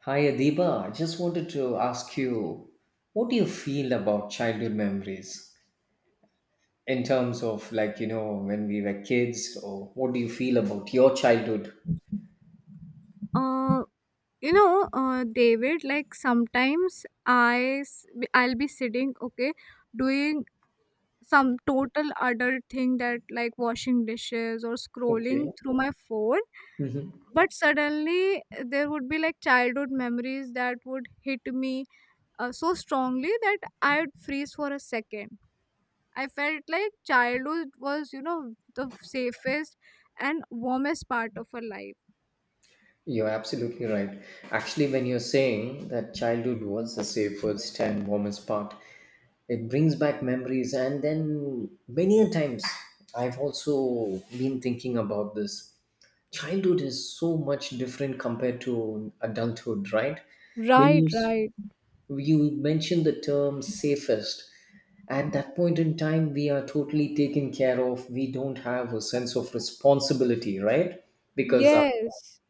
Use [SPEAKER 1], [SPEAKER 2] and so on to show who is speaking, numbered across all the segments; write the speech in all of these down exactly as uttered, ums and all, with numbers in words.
[SPEAKER 1] Hi Adiba, I just wanted to ask you, what do you feel about childhood memories in terms of like, you know, when we were kids, or what do you feel about your childhood?
[SPEAKER 2] Uh, you know, uh, David, like sometimes I s- I'll be sitting, okay, doing some total adult thing that like washing dishes or scrolling
[SPEAKER 1] Okay,
[SPEAKER 2] through my phone, but suddenly eh, there would be like childhood memories that would hit me uh, so strongly that I'd freeze for a second. I felt like childhood was, you know, the safest and warmest part of our life.
[SPEAKER 1] you're absolutely right. Actually, when you're saying that childhood was the safest and warmest part, it brings back memories. And then many a times, I've also been thinking about this. Childhood is so much different compared to adulthood, right? When
[SPEAKER 2] Right,
[SPEAKER 1] you
[SPEAKER 2] right.
[SPEAKER 1] you mentioned the term safest. At that point in time we are totally taken care of, we don't have a sense of responsibility, right? Because our,
[SPEAKER 2] Yes.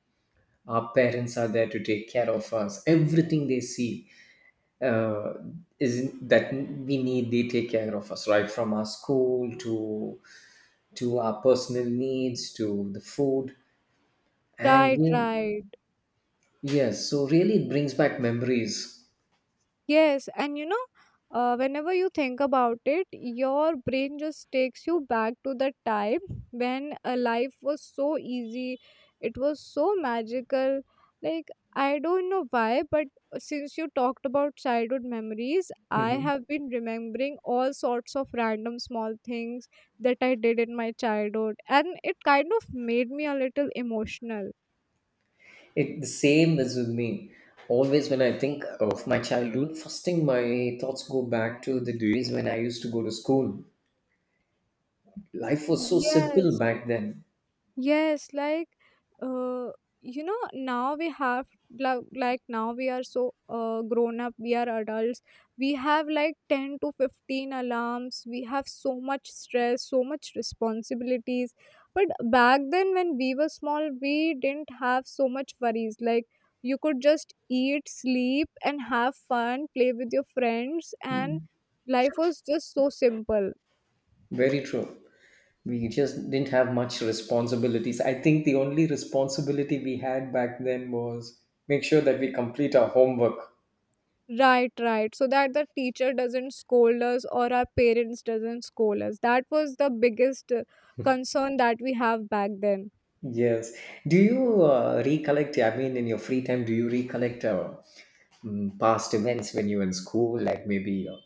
[SPEAKER 1] our parents are there to take care of us. Everything they see uh, is that we need, they take care of us right from our school to to our personal needs, to the food and
[SPEAKER 2] Right,
[SPEAKER 1] you,
[SPEAKER 2] right.
[SPEAKER 1] yes, so really it brings back memories.
[SPEAKER 2] Yes, and you know, uh, whenever you think about it, your brain just takes you back to the time when uh, life was so easy, it was so magical. Like, I don't know why, but since you talked about childhood memories, I
[SPEAKER 1] Mm-hmm.
[SPEAKER 2] have been remembering all sorts of random small things that I did in my childhood, and it kind of made me a little emotional.
[SPEAKER 1] It, the same is with me. Always when I think of my childhood, first thing my thoughts go back to the days when I used to go to school. Life was so simple
[SPEAKER 2] Yes.
[SPEAKER 1] back then.
[SPEAKER 2] Yes, like uh, you know, now we have like, like now we are so uh, grown up, we are adults. We have like ten to fifteen alarms. We have so much stress, so much responsibilities. But back then when we were small, we didn't have so much worries. Like you could just eat, sleep and have fun, play with your friends and life was just so simple.
[SPEAKER 1] Very true. We just didn't have much responsibilities. I think the only responsibility we had back then was make sure that we complete our homework.
[SPEAKER 2] Right, right. So that the teacher doesn't scold us or our parents doesn't scold us. That was the biggest uh, concern that we have back then.
[SPEAKER 1] Yes. Do you uh, recollect? I mean, in your free time, do you recollect, uh, mm, past events when you were in school, like maybe uh,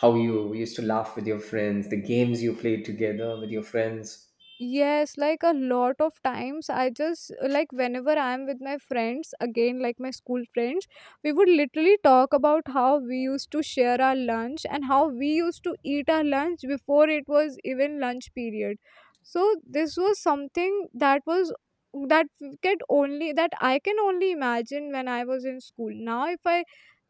[SPEAKER 1] how you used to laugh with your friends, the games you played together with your friends.
[SPEAKER 2] Yes, like a lot of times, I just like whenever I'm with my friends, again, like my school friends, we would literally talk about how we used to share our lunch and how we used to eat our lunch before it was even lunch period. So, this was something that was that could only that I can only imagine when I was in school. Now, if I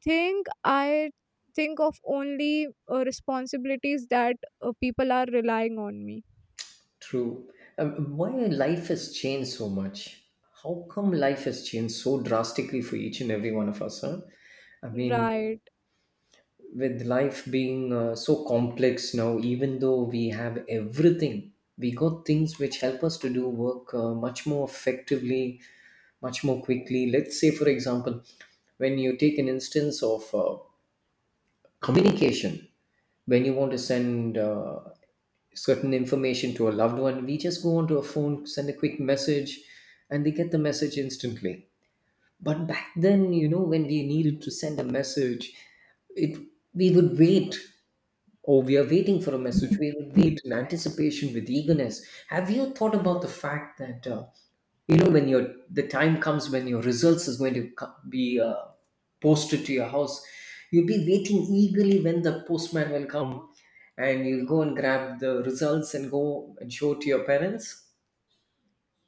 [SPEAKER 2] think, I think of only uh, responsibilities that uh, people are relying on me.
[SPEAKER 1] True. Um, why life has changed so much? How come life has changed so drastically for each and every one of us? Huh? I mean,
[SPEAKER 2] Right.
[SPEAKER 1] with life being uh, so complex now, even though we have everything, we got things which help us to do work uh, much more effectively, much more quickly. Let's say, for example, when you take an instance of uh, communication, when you want to send uh, certain information to a loved one, we just go onto a phone, send a quick message, and they get the message instantly. But back then, you know, when we needed to send a message, it we would wait. Oh, we are waiting for a message. We wait in anticipation with eagerness. Have you thought about the fact that uh, you know, when your the time comes when your results is going to co- be uh, posted to your house, you'll be waiting eagerly when the postman will come, and you'll go and grab the results and go and show to your parents.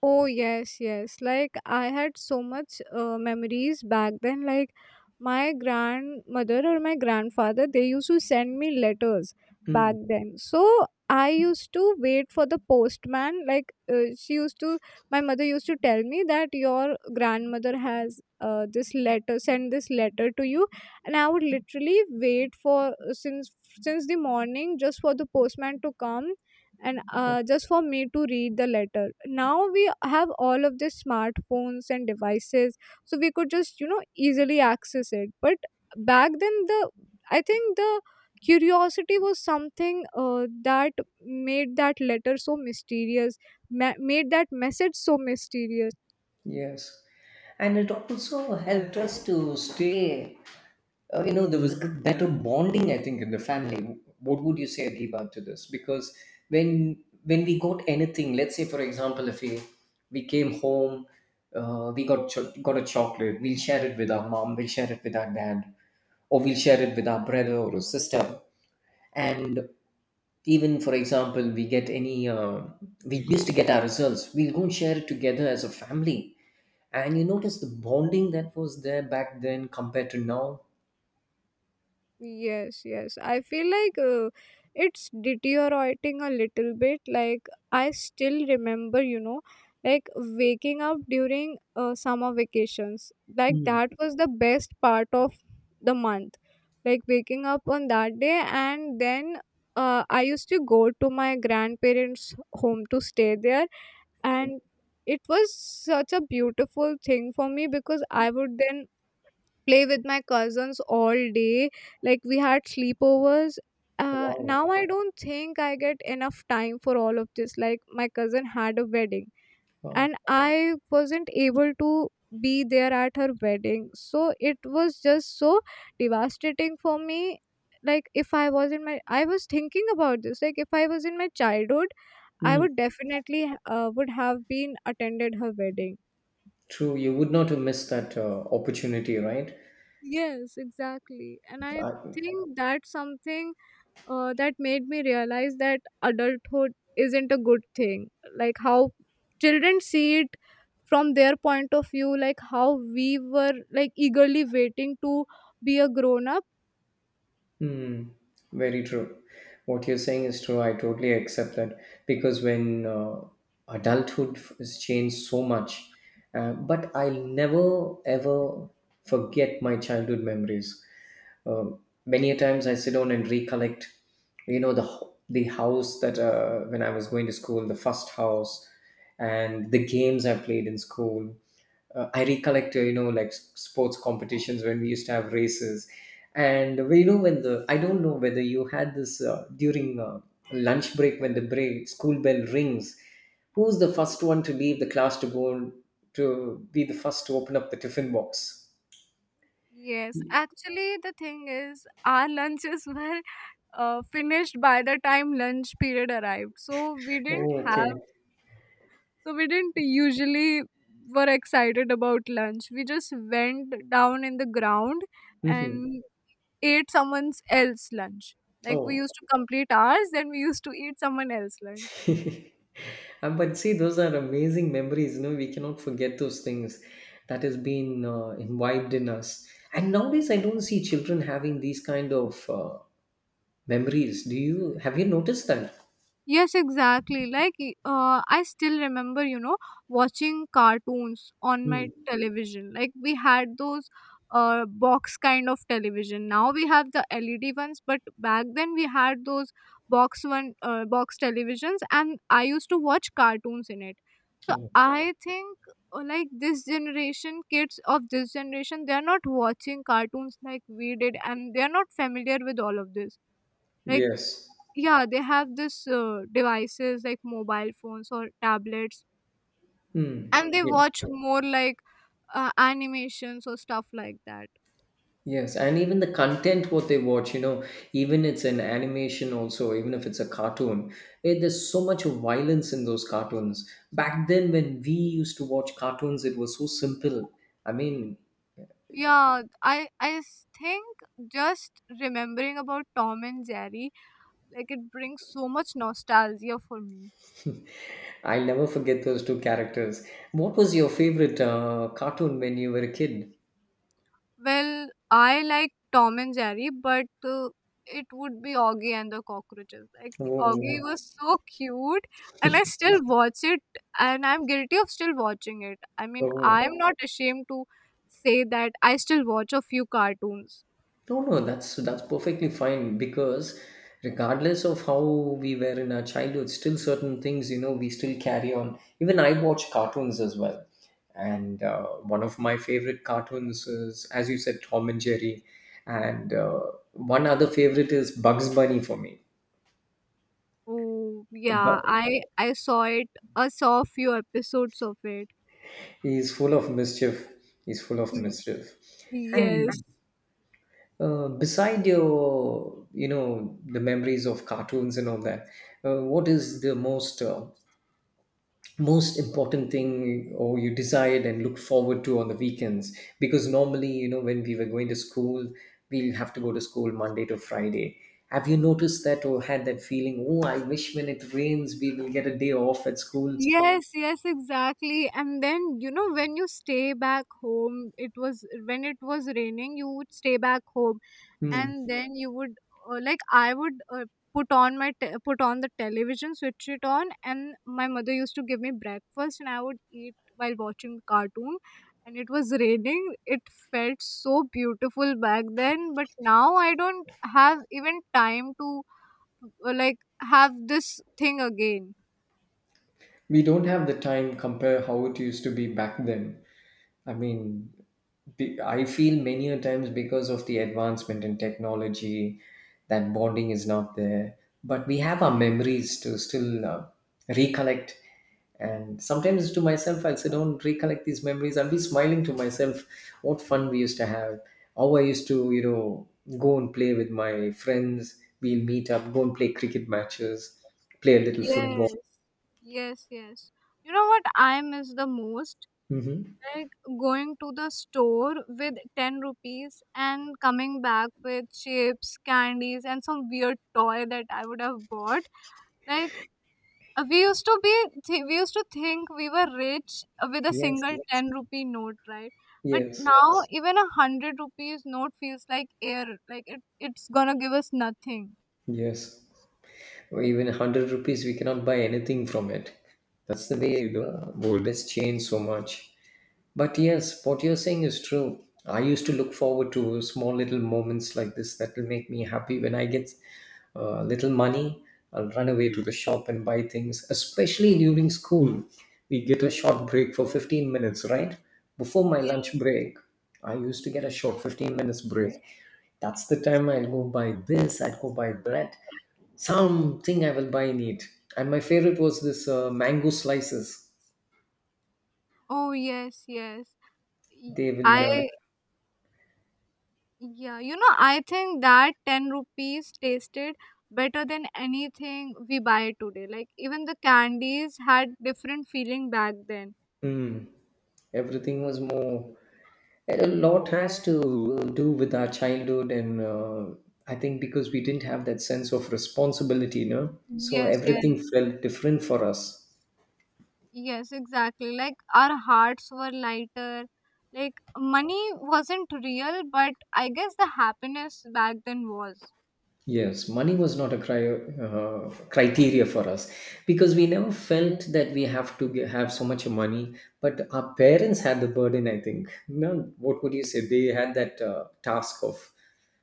[SPEAKER 2] Oh, yes, yes. Like, I had so much uh, memories back then. Like, my grandmother or my grandfather, they used to send me letters back
[SPEAKER 1] Mm,
[SPEAKER 2] then. So, I used to wait for the postman. Like, uh, she used to, my mother used to tell me that your grandmother has uh, this letter, send this letter to you. And I would literally wait for, uh, since since the morning just for the postman to come and
[SPEAKER 1] okay.
[SPEAKER 2] uh, just for me to read the letter. Now we have all of these smartphones and devices, so we could just, you know, easily access it, but back then the I think the curiosity was something uh, that made that letter so mysterious, ma- made that message so mysterious.
[SPEAKER 1] Yes, and it also helped us to stay. Uh, you know, there was a better bonding I think in the family. What would you say, Adiba, to this? Because when when we got anything, let's say for example, if we we came home, uh, we got cho- got a chocolate, we'll share it with our mom, we'll share it with our dad, or we'll share it with our brother or a sister. And even for example, we get any uh, we used to get our results, we'll go and share it together as a family, and you notice the bonding that was there back then compared to now.
[SPEAKER 2] Yes, yes. I feel like uh, it's deteriorating a little bit. Like, I still remember, you know, like waking up during uh, summer vacations. Like,
[SPEAKER 1] Hmm.
[SPEAKER 2] that was the best part of the month. Like, waking up on that day, and then uh, I used to go to my grandparents' home to stay there, and it was such a beautiful thing for me because I would then play with my cousins all day. Like we had sleepovers. Uh,
[SPEAKER 1] Wow.
[SPEAKER 2] now I don't think I get enough time for all of this. Like my cousin had a wedding
[SPEAKER 1] Wow.
[SPEAKER 2] and I wasn't able to be there at her wedding. So it was just so devastating for me. Like if I was in my, I was thinking about this. Like if I was in my childhood, I
[SPEAKER 1] Mm.
[SPEAKER 2] would definitely uh, would have been attended her wedding.
[SPEAKER 1] True. You would not have missed that uh, opportunity, right?
[SPEAKER 2] Yes, exactly. And I
[SPEAKER 1] I,
[SPEAKER 2] think that's something uh, that made me realize that adulthood isn't a good thing. Like how children see it from their point of view, like how we were like eagerly waiting to be a grown up.
[SPEAKER 1] mm, very true. What you're saying is true. I totally accept that, because when uh, adulthood has changed so much, uh, but I'll never ever forget my childhood memories. Uh, Many a times I sit down and recollect, you know, the ho- the house that uh, when I was going to school, the first house, and the games I played in school. uh, I recollect, uh, you know, like s- sports competitions when we used to have races. And we know when the, I don't know whether you had this uh, during uh, lunch break, when the break, school bell rings, who's the first one to leave the class to go and- to be the first to open up the tiffin box?
[SPEAKER 2] Yes, actually, the thing is, our lunches were uh, finished by the time lunch period arrived. So we didn't
[SPEAKER 1] Oh,
[SPEAKER 2] have,
[SPEAKER 1] okay.
[SPEAKER 2] so we didn't usually were excited about lunch. We just went down in the ground
[SPEAKER 1] Hmm.
[SPEAKER 2] and ate someone else's lunch. Like we
[SPEAKER 1] Oh.
[SPEAKER 2] used to complete ours, then we used to eat someone else's lunch.
[SPEAKER 1] Uh, but see, those are amazing memories. You know, we cannot forget those things that has been uh, imbibed in us. And nowadays, I don't see children having these kind of uh, memories. Do you have you noticed that?
[SPEAKER 2] Yes, exactly. Like, y- uh, I still remember, you know, watching cartoons on my
[SPEAKER 1] Hmm.
[SPEAKER 2] television. Like, we had those uh, box kind of television. Now we have the L E D ones, but back then we had those box one, uh, box televisions, and I used to watch cartoons in it. So
[SPEAKER 1] Oh,
[SPEAKER 2] I think, uh, like, this generation, kids of this generation, they are not watching cartoons like we did, and they are not familiar with all of this. Like,
[SPEAKER 1] yes.
[SPEAKER 2] yeah, they have this uh, devices like mobile phones or tablets
[SPEAKER 1] Hmm.
[SPEAKER 2] and they
[SPEAKER 1] Yeah.
[SPEAKER 2] watch more like uh, animations or stuff like that.
[SPEAKER 1] Yes, and even the content what they watch, you know, even it's an animation also, even if it's a cartoon, eh, there's so much of violence in those cartoons. Back then, when we used to watch cartoons, it was so simple. I mean,
[SPEAKER 2] Yeah i i s- think just remembering about Tom and Jerry, like it brings so much nostalgia for me.
[SPEAKER 1] I'll never forget those two characters. What was your favorite uh, cartoon when you were a kid?
[SPEAKER 2] Well, I like Tom and Jerry, but uh, it would be Augie and the Cockroaches. Like Augie
[SPEAKER 1] Oh,
[SPEAKER 2] was so cute, and I still watch it, and I'm guilty of still watching it. I mean,
[SPEAKER 1] oh.
[SPEAKER 2] I'm not ashamed to say that I still watch a few cartoons.
[SPEAKER 1] No, no, that's that's perfectly fine, because regardless of how we were in our childhood, still certain things, you know, we still carry on. Even I watch cartoons as well, and uh, one of my favorite cartoons is, as you said, Tom and Jerry, and uh, one other favorite is Bugs Bunny for me.
[SPEAKER 2] Oh yeah,
[SPEAKER 1] Bu-
[SPEAKER 2] I I saw it. I saw a few episodes of it.
[SPEAKER 1] He's full of mischief. He's full of
[SPEAKER 2] Mm.
[SPEAKER 1] mischief,
[SPEAKER 2] Yes.
[SPEAKER 1] and uh, beside your, you know, the memories of cartoons and all that, uh, what is the most uh, most important thing or you decide and look forward to on the weekends? Because normally, you know, when we were going to school, we'll have to go to school Monday to Friday. Have you noticed that or had that feeling, oh, I wish when it rains we will get a day off at school?
[SPEAKER 2] Yes, yes, exactly. And then, you know, when you stay back home, it was when it was raining, you would stay back home
[SPEAKER 1] Hmm.
[SPEAKER 2] and then you would uh, like I would uh, put on my te- put on the television, switch it on and my mother used to give me breakfast and I would eat while watching cartoon and it was raining. It felt so beautiful back then, but now I don't have even time to uh, like have this thing again.
[SPEAKER 1] We don't have the time, compare how it used to be back then. I mean, be- I feel many a times, because of the advancement in technology, that bonding is not there. But we have our memories to still uh, recollect. And sometimes to myself, I'll sit down, recollect these memories. I'll be smiling to myself what fun we used to have, how I used to, you know, go and play with my friends. We'll meet up, go and play cricket matches, play a little football.
[SPEAKER 2] Yes, yes, yes. You know what I miss the most?
[SPEAKER 1] Hmm.
[SPEAKER 2] Like going to the store with ten rupees and coming back with chips, candies, and some weird toy that I would have bought. Like uh, we used to be, th- we used to think we were rich uh, with a
[SPEAKER 1] Yes.
[SPEAKER 2] single Yes. ten rupee note, right? But
[SPEAKER 1] Yes.
[SPEAKER 2] now Yes. even a a hundred rupees note feels like air. Like it, it's gonna give us nothing.
[SPEAKER 1] Yes. Or even a hundred rupees we cannot buy anything from it. That's the way the gold has changed so much. But yes, what you're saying is true. I used to look forward to small little moments like this that will make me happy when I get uh, little money. I'll run away to the shop and buy things, especially during school. We get a short break for fifteen minutes, right? Before my
[SPEAKER 2] Yeah.
[SPEAKER 1] lunch break, I used to get a short fifteen minutes break. That's the time I'll go buy this, I'll go buy that, something I will buy and eat. And my favorite was this uh, mango slices.
[SPEAKER 2] Oh, yes, yes. Y-
[SPEAKER 1] They will uh,
[SPEAKER 2] I Yeah, you know, I think that ten rupees tasted better than anything we buy today. Like even the candies had different feeling back then.
[SPEAKER 1] everything was more. A lot has to do with our childhood, and uh, I think because we didn't have that sense of responsibility, you know, so
[SPEAKER 2] Yes, yes,
[SPEAKER 1] everything felt different for us.
[SPEAKER 2] yes, exactly. Like our hearts were lighter. Like money wasn't real, but I guess the happiness back then was.
[SPEAKER 1] Yes, money was not a cri- uh, criteria for us, because we never felt that we have to ge- have so much money. But our parents had the burden, I think. No, what would you say? They had that uh, task of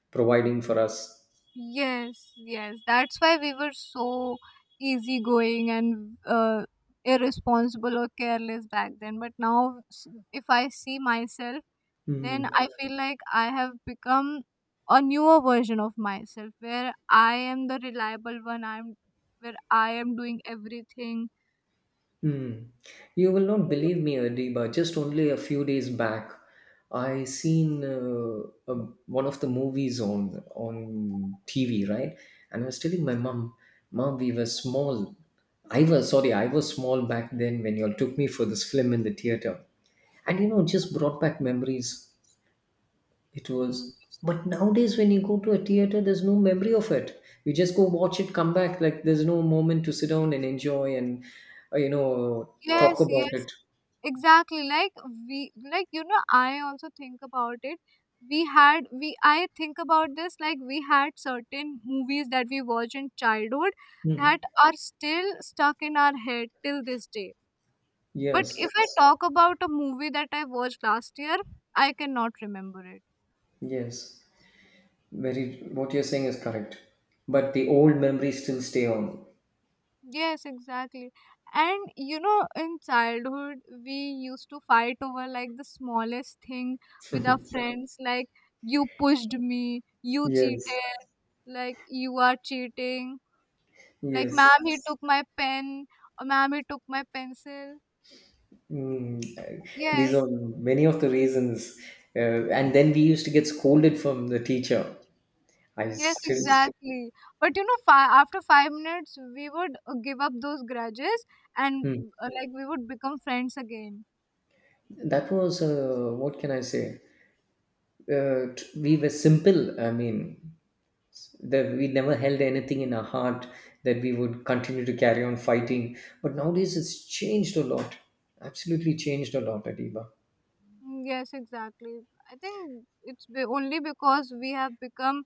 [SPEAKER 1] providing for us.
[SPEAKER 2] Yes, yes. That's why we were so easygoing and uh, irresponsible or careless back then. But now, s- if I see myself, then
[SPEAKER 1] Mm-hmm.
[SPEAKER 2] I feel like I have become a newer version of myself where I am the reliable one. I'm Where I am doing everything.
[SPEAKER 1] Hmm. You will not believe me, Adiba. Just only a few days back, I seen uh, a, one of the movies on on T V, right? And I was telling my mom, "Mom, we were small. I was sorry, I was small back then when you all took me for this film in the theater." And you know, it just brought back memories. It
[SPEAKER 2] Mm,
[SPEAKER 1] was. But nowadays, when you go to a theater, there's no memory of it. You just go watch it, come back. Like there's no moment to sit down and enjoy and, uh, you know, talk
[SPEAKER 2] Yes,
[SPEAKER 1] about
[SPEAKER 2] yes,
[SPEAKER 1] it.
[SPEAKER 2] exactly. Like we, like you know, I also think about it. We had we I think about this like we had certain movies that we watched in childhood that
[SPEAKER 1] Mhm.
[SPEAKER 2] are still stuck in our head till this day. But if
[SPEAKER 1] Yes,
[SPEAKER 2] I Yes. talk about a movie that I watched last year, I cannot remember it.
[SPEAKER 1] yes. Very. What you're saying is correct. But the old memories still stay on.
[SPEAKER 2] Yes, exactly. And you know, in childhood, we used to fight over like the smallest thing with our friends, like you pushed me, you cheated,
[SPEAKER 1] Yes,
[SPEAKER 2] like you are cheating, like
[SPEAKER 1] yes.
[SPEAKER 2] ma'am, he took my pen, or ma'am, he took my pencil.
[SPEAKER 1] Mm, I- these
[SPEAKER 2] Yes,
[SPEAKER 1] are many of the reasons. Uh, and then we used to get scolded from the teacher. I
[SPEAKER 2] yes,
[SPEAKER 1] still.
[SPEAKER 2] exactly. But you know, fi- after five minutes, we would uh, give up those grudges and
[SPEAKER 1] Hmm.
[SPEAKER 2] uh, like we would become friends again.
[SPEAKER 1] That was, uh, what can I say? Uh, t- we were simple. I mean, that we never held anything in our heart that we would continue to carry on fighting. But nowadays, it's changed a lot. Absolutely changed a lot, Adiba.
[SPEAKER 2] Mm, Yes, exactly. I think it's be- only because we have become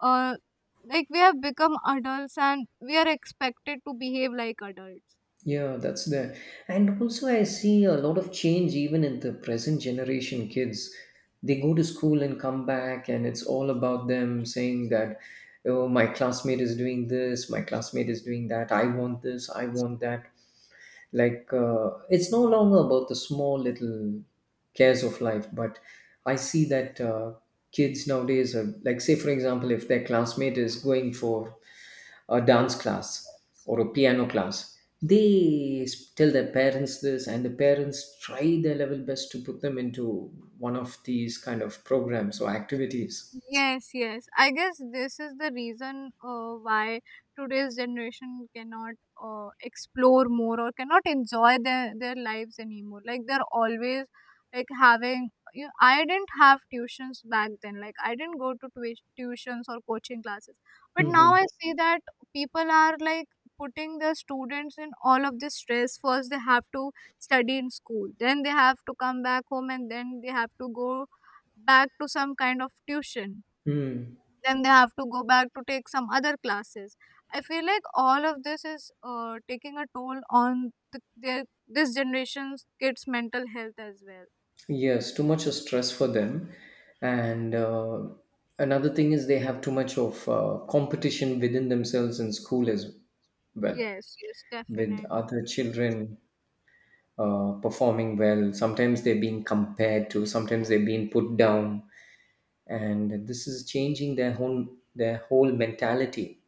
[SPEAKER 2] uh like we have become adults and we are expected to behave like adults.
[SPEAKER 1] Yeah, that's there. And also, I see a lot of change even in the present generation kids. They go to school and come back, and it's all about them saying that, oh, my classmate is doing this, my classmate is doing that, I want this, I want that, like uh, it's no longer about the small little cares of life. But I see that uh, kids nowadays are, like say for example, if their classmate is going for a dance class or a piano class, they s- tell their parents this, and the parents try their level best to put them into one of these kind of programs or activities.
[SPEAKER 2] Yes, yes. I guess this is the reason uh, why today's generation cannot uh, explore more or cannot enjoy their their lives anymore. Like they're always like having. You know, I didn't have tuitions back then. Like I didn't go to tui- tuitions or coaching classes. But
[SPEAKER 1] Hmm.
[SPEAKER 2] now I see that people are like putting their students in all of this stress. First, they have to study in school. Then they have to come back home, and then they have to go back to some kind of tuition, then they have to go back to take some other classes. I feel like all of this is uh, taking a toll on the, their this generation's kids mental health as well.
[SPEAKER 1] Yes, too much stress for them. And uh, another thing is they have too much of uh, competition within themselves in school as well,
[SPEAKER 2] Yes, yes,
[SPEAKER 1] with
[SPEAKER 2] definitely.
[SPEAKER 1] other children uh, performing well. Sometimes they're being compared to, sometimes they're being put down. And this is changing their whole, their whole mentality.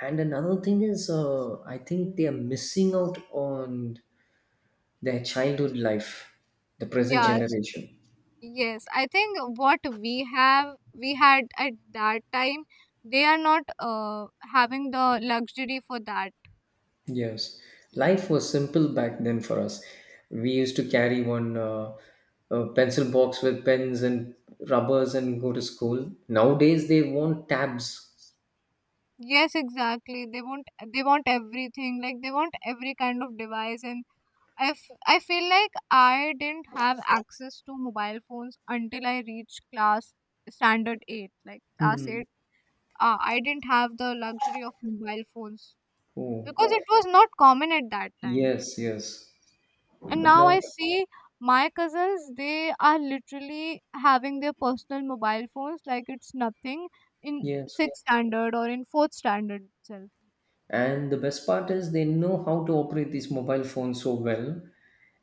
[SPEAKER 1] And another thing is, uh, I think they are missing out on their childhood life, the present
[SPEAKER 2] yeah
[SPEAKER 1] generation.
[SPEAKER 2] yes i think what we have we had at that time, they are not uh, having the luxury for that.
[SPEAKER 1] Yes, life was simple back then for us. We used to carry one uh, uh, pencil box with pens and rubbers and go to school. Nowadays, they want tabs.
[SPEAKER 2] Yes, exactly. They want they want everything, like they want every kind of device. And I, f- I feel like I didn't have access to mobile phones until I reached class standard eight. Like class
[SPEAKER 1] Hmm.
[SPEAKER 2] eight, uh, I didn't have the luxury of mobile phones
[SPEAKER 1] Oh,
[SPEAKER 2] because it was not common at that time.
[SPEAKER 1] yes, yes.
[SPEAKER 2] And
[SPEAKER 1] But
[SPEAKER 2] now
[SPEAKER 1] now,
[SPEAKER 2] I see my cousins, they are literally having their personal mobile phones like it's nothing in
[SPEAKER 1] yes.
[SPEAKER 2] sixth standard or in fourth standard itself.
[SPEAKER 1] And the best part is they know how to operate these mobile phones so well.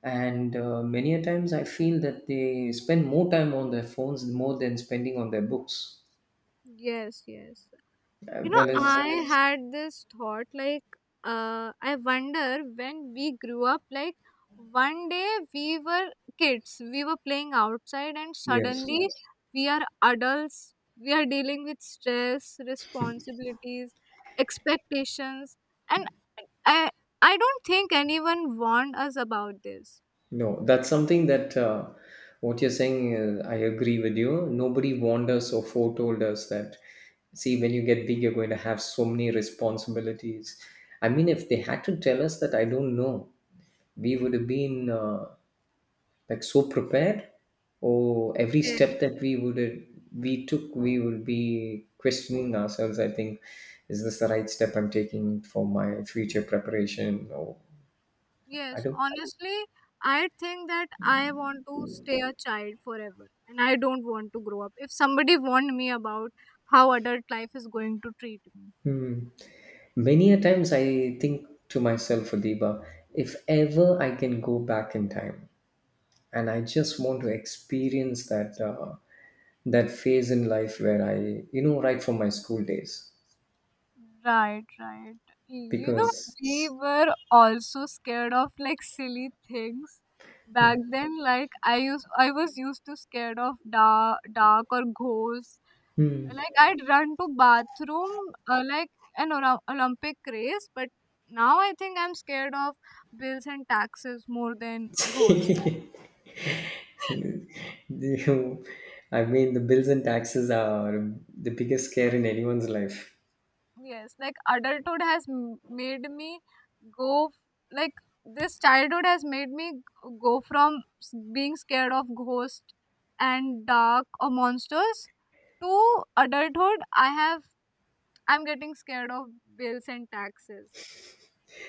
[SPEAKER 1] And uh, many a times I feel that they spend more time on their phones more than spending on their books.
[SPEAKER 2] Yes, yes. You
[SPEAKER 1] As
[SPEAKER 2] know,
[SPEAKER 1] well as,
[SPEAKER 2] I had this thought like, uh, I wonder when we grew up, like, one day we were kids, we were playing outside, and
[SPEAKER 1] yes.
[SPEAKER 2] suddenly. Yes. We are adults, we are dealing with stress, responsibilities, expectations, and I, I don't think anyone warned us about this.
[SPEAKER 1] No, that's something that uh, what you're saying, uh, I agree with you. Nobody warned us or foretold us that, see, when you get big, you're going to have so many responsibilities. I mean, if they had to tell us that, I don't know, we would have been uh, like so prepared, or every step that we would have, we took, we would be questioning ourselves. I think, is this the right step I'm taking for my future preparation? Or I
[SPEAKER 2] Yes,
[SPEAKER 1] don't.
[SPEAKER 2] honestly, I think that I want to stay a child forever and I don't want to grow up. If somebody warned me about how adult life is going to treat me.
[SPEAKER 1] Hmm. Many a times I think to myself, Adiba, if ever I can go back in time, and I just want to experience that uh, that phase in life where I, you know, right from my school days,
[SPEAKER 2] Right, right. You know,
[SPEAKER 1] because
[SPEAKER 2] we were also scared of like silly things back then. Like I used, I was used to scared of dark, dark or ghosts.
[SPEAKER 1] hmm,
[SPEAKER 2] Like I'd run to bathroom uh, like an Ora- Olympic race, but now I think I'm scared of bills and taxes more than goals.
[SPEAKER 1] you- I mean, the bills and taxes are the biggest scare in anyone's life,
[SPEAKER 2] Yes, like adulthood has m- made me go f- like this childhood has made me g- go from s- being scared of ghosts and dark or monsters to adulthood. I have I'm getting scared of bills and taxes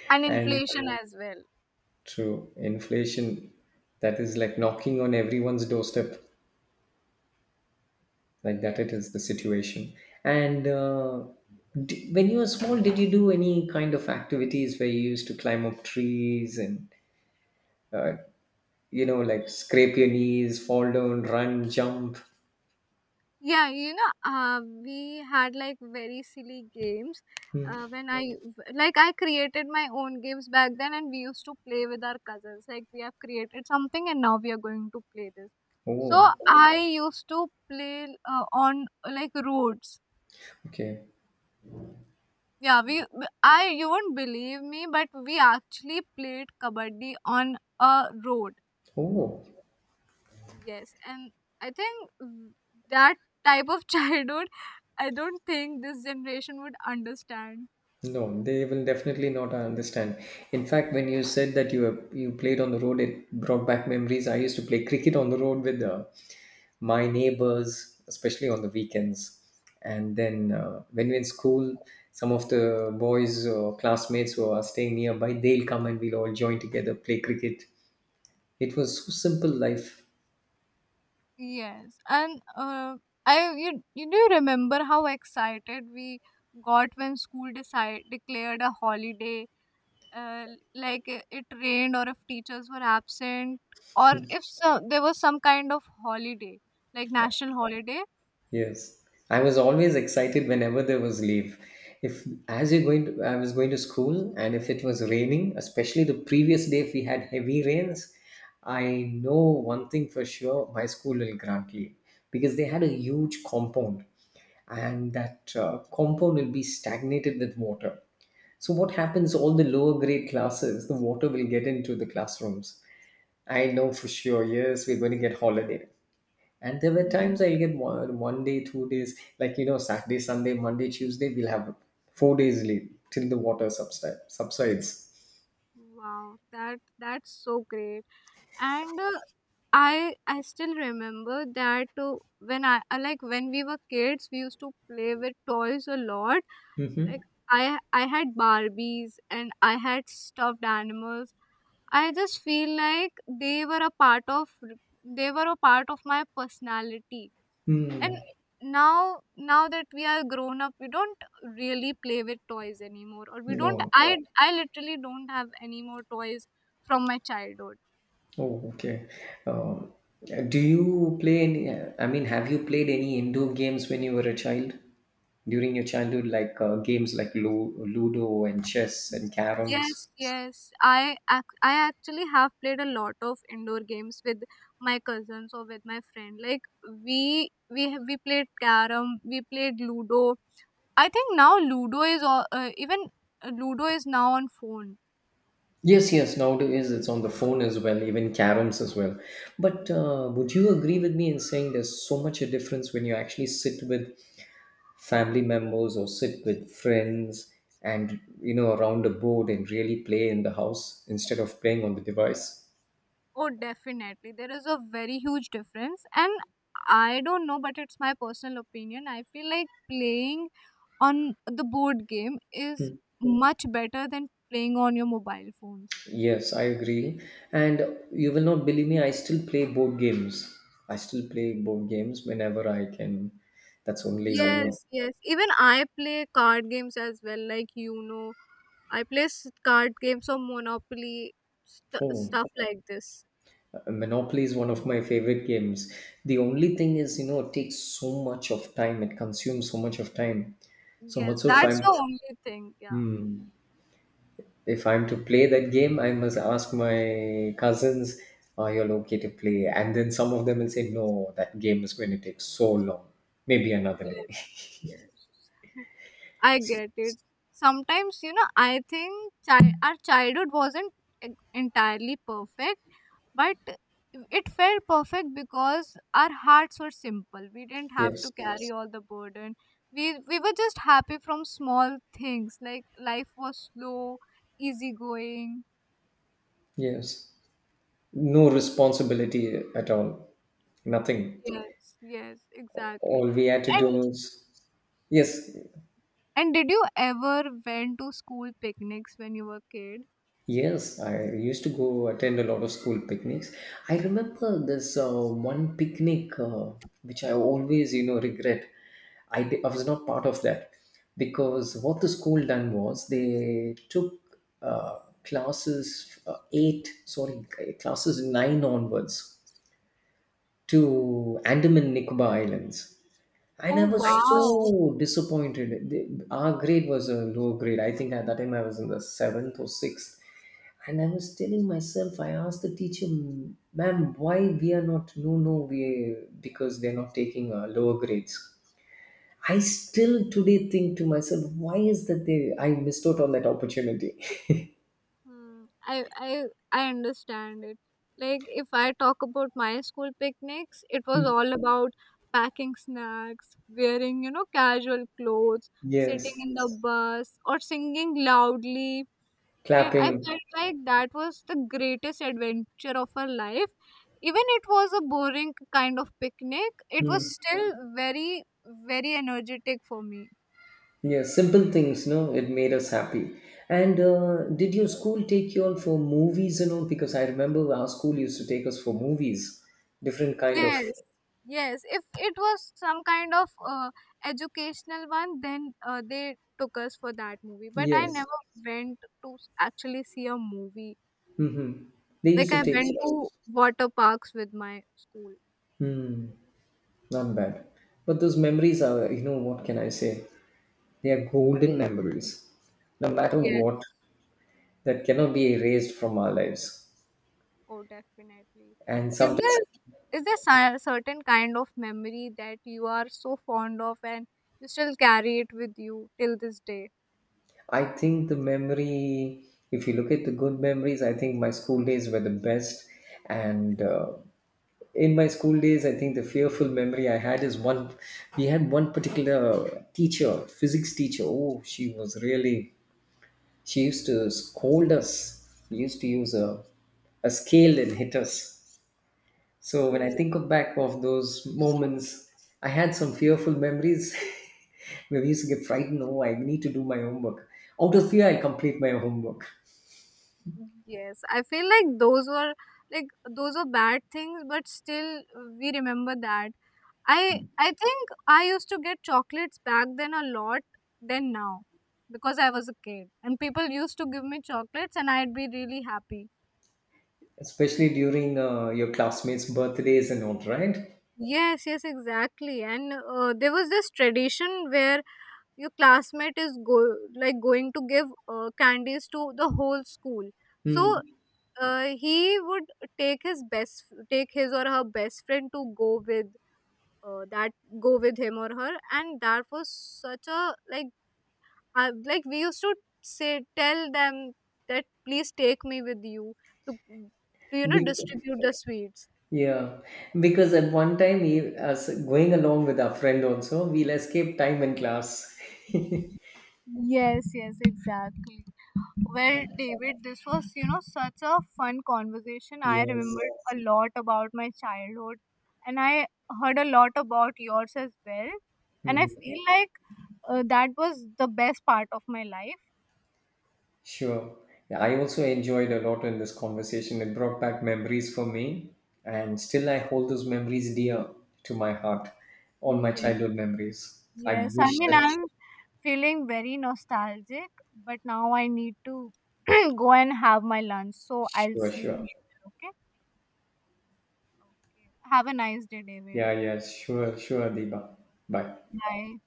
[SPEAKER 2] and
[SPEAKER 1] and
[SPEAKER 2] inflation as well.
[SPEAKER 1] true inflation that is like knocking on everyone's doorstep, like that it
[SPEAKER 2] Yes.
[SPEAKER 1] is the situation. And uh, d- when you were small, did you do any kind of activities where you used to climb up trees and, you know, like scrape your knees, fall down, run, jump?
[SPEAKER 2] Yeah, you know, uh, we had like very silly games.
[SPEAKER 1] Hmm.
[SPEAKER 2] Uh, when I like, I created my own games back then, and we used to play with our cousins. Like, we have created something, and now we are going to play this. So
[SPEAKER 1] Oh,
[SPEAKER 2] I used to play uh, on like roads.
[SPEAKER 1] okay.
[SPEAKER 2] Yeah, we. I You won't believe me, but we actually played kabaddi on a road.
[SPEAKER 1] Oh,
[SPEAKER 2] Yes, and I think w- that type of childhood, I don't think this generation would understand.
[SPEAKER 1] no, they will definitely not understand. In fact, when you said that you you played on the road, it brought back memories. I used to play cricket on the road with the my neighbors, especially on the weekends. And then uh, when we're in school, some of the boys or classmates who are staying nearby, they'll come and we'll all join together, play cricket. It was so simple life.
[SPEAKER 2] Yes, and uh, I you you do remember how excited we got when school decide declared a holiday, uh, like uh, it rained or if teachers were absent or if so, there was some kind of holiday like
[SPEAKER 1] Yeah.
[SPEAKER 2] national holiday.
[SPEAKER 1] Yes. I was always excited whenever there was leave. If as you're going to, I was going to school and if it was raining, especially the previous day if we had heavy rains, I know one thing for sure, my school will grant leave because they had a huge compound and that uh, compound will be stagnated with water. So, what happens? All the lower grade classes, the water will get into the classrooms. I know for sure, yes, we're going to get holiday. And there were times
[SPEAKER 2] Mhm.
[SPEAKER 1] I get one, one day, two days, like you know, Saturday, Sunday, Monday, Tuesday, we'll have four days leave till the water subside, subsides.
[SPEAKER 2] Wow, that that's so great. And uh, I I still remember that uh, when I I like when we were kids, we used to play with toys a lot.
[SPEAKER 1] Mm-hmm.
[SPEAKER 2] Like I I had Barbies and I had stuffed animals. I just feel like they were a part of they were a part of my personality. And
[SPEAKER 1] Mm.
[SPEAKER 2] now now that we are grown up, we don't really play with toys anymore, or we don't.
[SPEAKER 1] No.
[SPEAKER 2] I I literally don't have any more toys from my childhood.
[SPEAKER 1] Oh, okay. Um, do you play any? I mean, have you played any indoor games when you were a child? During your childhood, like uh, games like Lu- Ludo and chess and
[SPEAKER 2] Yes,
[SPEAKER 1] caroms.
[SPEAKER 2] yes. I ac- I actually have played a lot of indoor games with my cousins or with my friend. Like we we have- we played carom, we played Ludo. I think now Ludo is all, uh, even uh, Ludo is now on phone.
[SPEAKER 1] Yes, yes. Nowadays, it's on the phone as well, even caroms as well. But uh, would you agree with me in saying there's so much a difference when you actually sit with family members or sit with friends and, you know, around a board and really play in the house instead of playing on the device?
[SPEAKER 2] Oh, definitely. There is a very huge difference and I don't know, but it's my personal opinion. I feel like playing on the board game is much better than playing on your mobile phones.
[SPEAKER 1] Yes, I agree. And you will not believe me, I still play board games. I still play board games whenever I can. That's
[SPEAKER 2] So
[SPEAKER 1] only,
[SPEAKER 2] yeah.
[SPEAKER 1] you know,
[SPEAKER 2] Yes, yes. Even I play card games as well, like you know. I play s- card games or Monopoly, st-
[SPEAKER 1] oh,
[SPEAKER 2] stuff like this.
[SPEAKER 1] Monopoly is one of my favorite games. The only thing is, you know, it takes so much of time, it consumes so much of time. So
[SPEAKER 2] Yes,
[SPEAKER 1] much so if
[SPEAKER 2] that's
[SPEAKER 1] I'm
[SPEAKER 2] the only thing. Yeah.
[SPEAKER 1] if I'm to play that game, I must ask my cousins, are you okay to play? And then some of them will say, no, that game is going to take so long. Maybe another day.
[SPEAKER 2] Yes, yes. I
[SPEAKER 1] So
[SPEAKER 2] get it. Sometimes, you know, I think chi- our childhood wasn't e- entirely perfect, but it felt perfect because our hearts were simple. We didn't have to
[SPEAKER 1] yes,
[SPEAKER 2] carry. Yes. All the burden, we we were just happy from small things. Like life was slow, easygoing.
[SPEAKER 1] yes. No responsibility at all, nothing,
[SPEAKER 2] Yes, yes, exactly.
[SPEAKER 1] all we had to do
[SPEAKER 2] and
[SPEAKER 1] was, yes.
[SPEAKER 2] and did you ever went to school picnics when you were a kid?
[SPEAKER 1] Yes, I used to go attend a lot of school picnics. I remember this uh, one picnic, uh, which I always, you know, regret. I, di- I was not part of that because what the school done was they took uh, classes uh, eight, sorry, classes nine onwards to Andaman Nicobar Islands. And
[SPEAKER 2] Oh,
[SPEAKER 1] I was so
[SPEAKER 2] wow.
[SPEAKER 1] disappointed. The- our grade was a low grade. I think at that time I was in the seventh or sixth. And I was telling myself, I asked the teacher, ma'am, why we are not, no, no, we, because they're not taking uh, lower grades. I still today think to myself, why is that they, I missed out on that opportunity.
[SPEAKER 2] Hmm, I I I understand it. Like if I talk about my school picnics, it was
[SPEAKER 1] Hmm.
[SPEAKER 2] all about packing snacks, wearing, you know, casual clothes, sitting
[SPEAKER 1] Yes.
[SPEAKER 2] in the bus or singing loudly. I I
[SPEAKER 1] Clapping.
[SPEAKER 2] felt like that was the greatest adventure of our life. Even it was a boring kind of picnic, it was
[SPEAKER 1] Hmm.
[SPEAKER 2] still very, very energetic for me.
[SPEAKER 1] Yeah, simple things, no, it made us happy. And uh, did your school take you all for movies and all? Because I remember our school used to take us for movies, different kind of.
[SPEAKER 2] Yes, yes. If it was some kind of uh, educational one, then uh, they took us for that movie. But I
[SPEAKER 1] Yes.
[SPEAKER 2] never went to s- actually see a movie.
[SPEAKER 1] Mm-hmm. They used
[SPEAKER 2] Like
[SPEAKER 1] to
[SPEAKER 2] I
[SPEAKER 1] take
[SPEAKER 2] went to
[SPEAKER 1] us.
[SPEAKER 2] water parks with my school.
[SPEAKER 1] Not bad. But those memories are, you know, what can I say? They are golden memories. No matter
[SPEAKER 2] Yes.
[SPEAKER 1] what, that cannot be erased from our lives.
[SPEAKER 2] Oh, definitely.
[SPEAKER 1] And
[SPEAKER 2] Is
[SPEAKER 1] sometimes
[SPEAKER 2] there is there cer- certain kind of memory that you are so fond of and you still carry it with you till this day?
[SPEAKER 1] I think the memory, if you look at the good memories, I think my school days were the best. And uh, in my school days, I think the fearful memory I had is one. We had one particular teacher, physics teacher. Oh, she was really, she used to scold us. We used to use a, a scale and hit us. So when I
[SPEAKER 2] Oh.
[SPEAKER 1] think of back of those moments, I had some fearful memories. Where we used to get frightened, oh, I need to do my homework. Out of fear, I complete my homework.
[SPEAKER 2] Yes, I feel like those were like those were bad things, but still uh, we remember that. I I think I used to get chocolates back then a lot than now, because I was a kid and people used to give me chocolates and I'd be really happy.
[SPEAKER 1] Especially during uh, your classmates birthdays and all, right?
[SPEAKER 2] Yes, yes, exactly. And uh, there was this tradition where your classmate is go like going to give uh, candies to the whole school. So
[SPEAKER 1] Hmm.
[SPEAKER 2] uh, he would take his best take his or her best friend to go with uh, that go with him or her. And that was such a like I, like we used to say tell them that please take me with you to to you know
[SPEAKER 1] Be-
[SPEAKER 2] distribute the sweets.
[SPEAKER 1] Yeah, because at one time, he, as going along with our friend also, we'll escape time in class.
[SPEAKER 2] Yes, yes, exactly. Well, David, this was, you know, such a fun conversation. I
[SPEAKER 1] Yes.
[SPEAKER 2] remembered a lot about my childhood and I heard a lot about yours as well. And I
[SPEAKER 1] Mhm.
[SPEAKER 2] feel like Uh, that was the best part of my life.
[SPEAKER 1] Sure. Yeah, I also enjoyed a lot in this conversation. It brought back memories for me, and still I hold those memories dear to my heart, all my
[SPEAKER 2] Yes.
[SPEAKER 1] childhood memories. I
[SPEAKER 2] Yes, I
[SPEAKER 1] wish
[SPEAKER 2] mean,
[SPEAKER 1] that,
[SPEAKER 2] I'm feeling very nostalgic, but now I need to go and have my lunch. So I'll
[SPEAKER 1] sure,
[SPEAKER 2] see you
[SPEAKER 1] sure.
[SPEAKER 2] later, okay? Have a nice day, David.
[SPEAKER 1] Yeah, yeah, sure, sure, Deba. Bye.
[SPEAKER 2] Bye.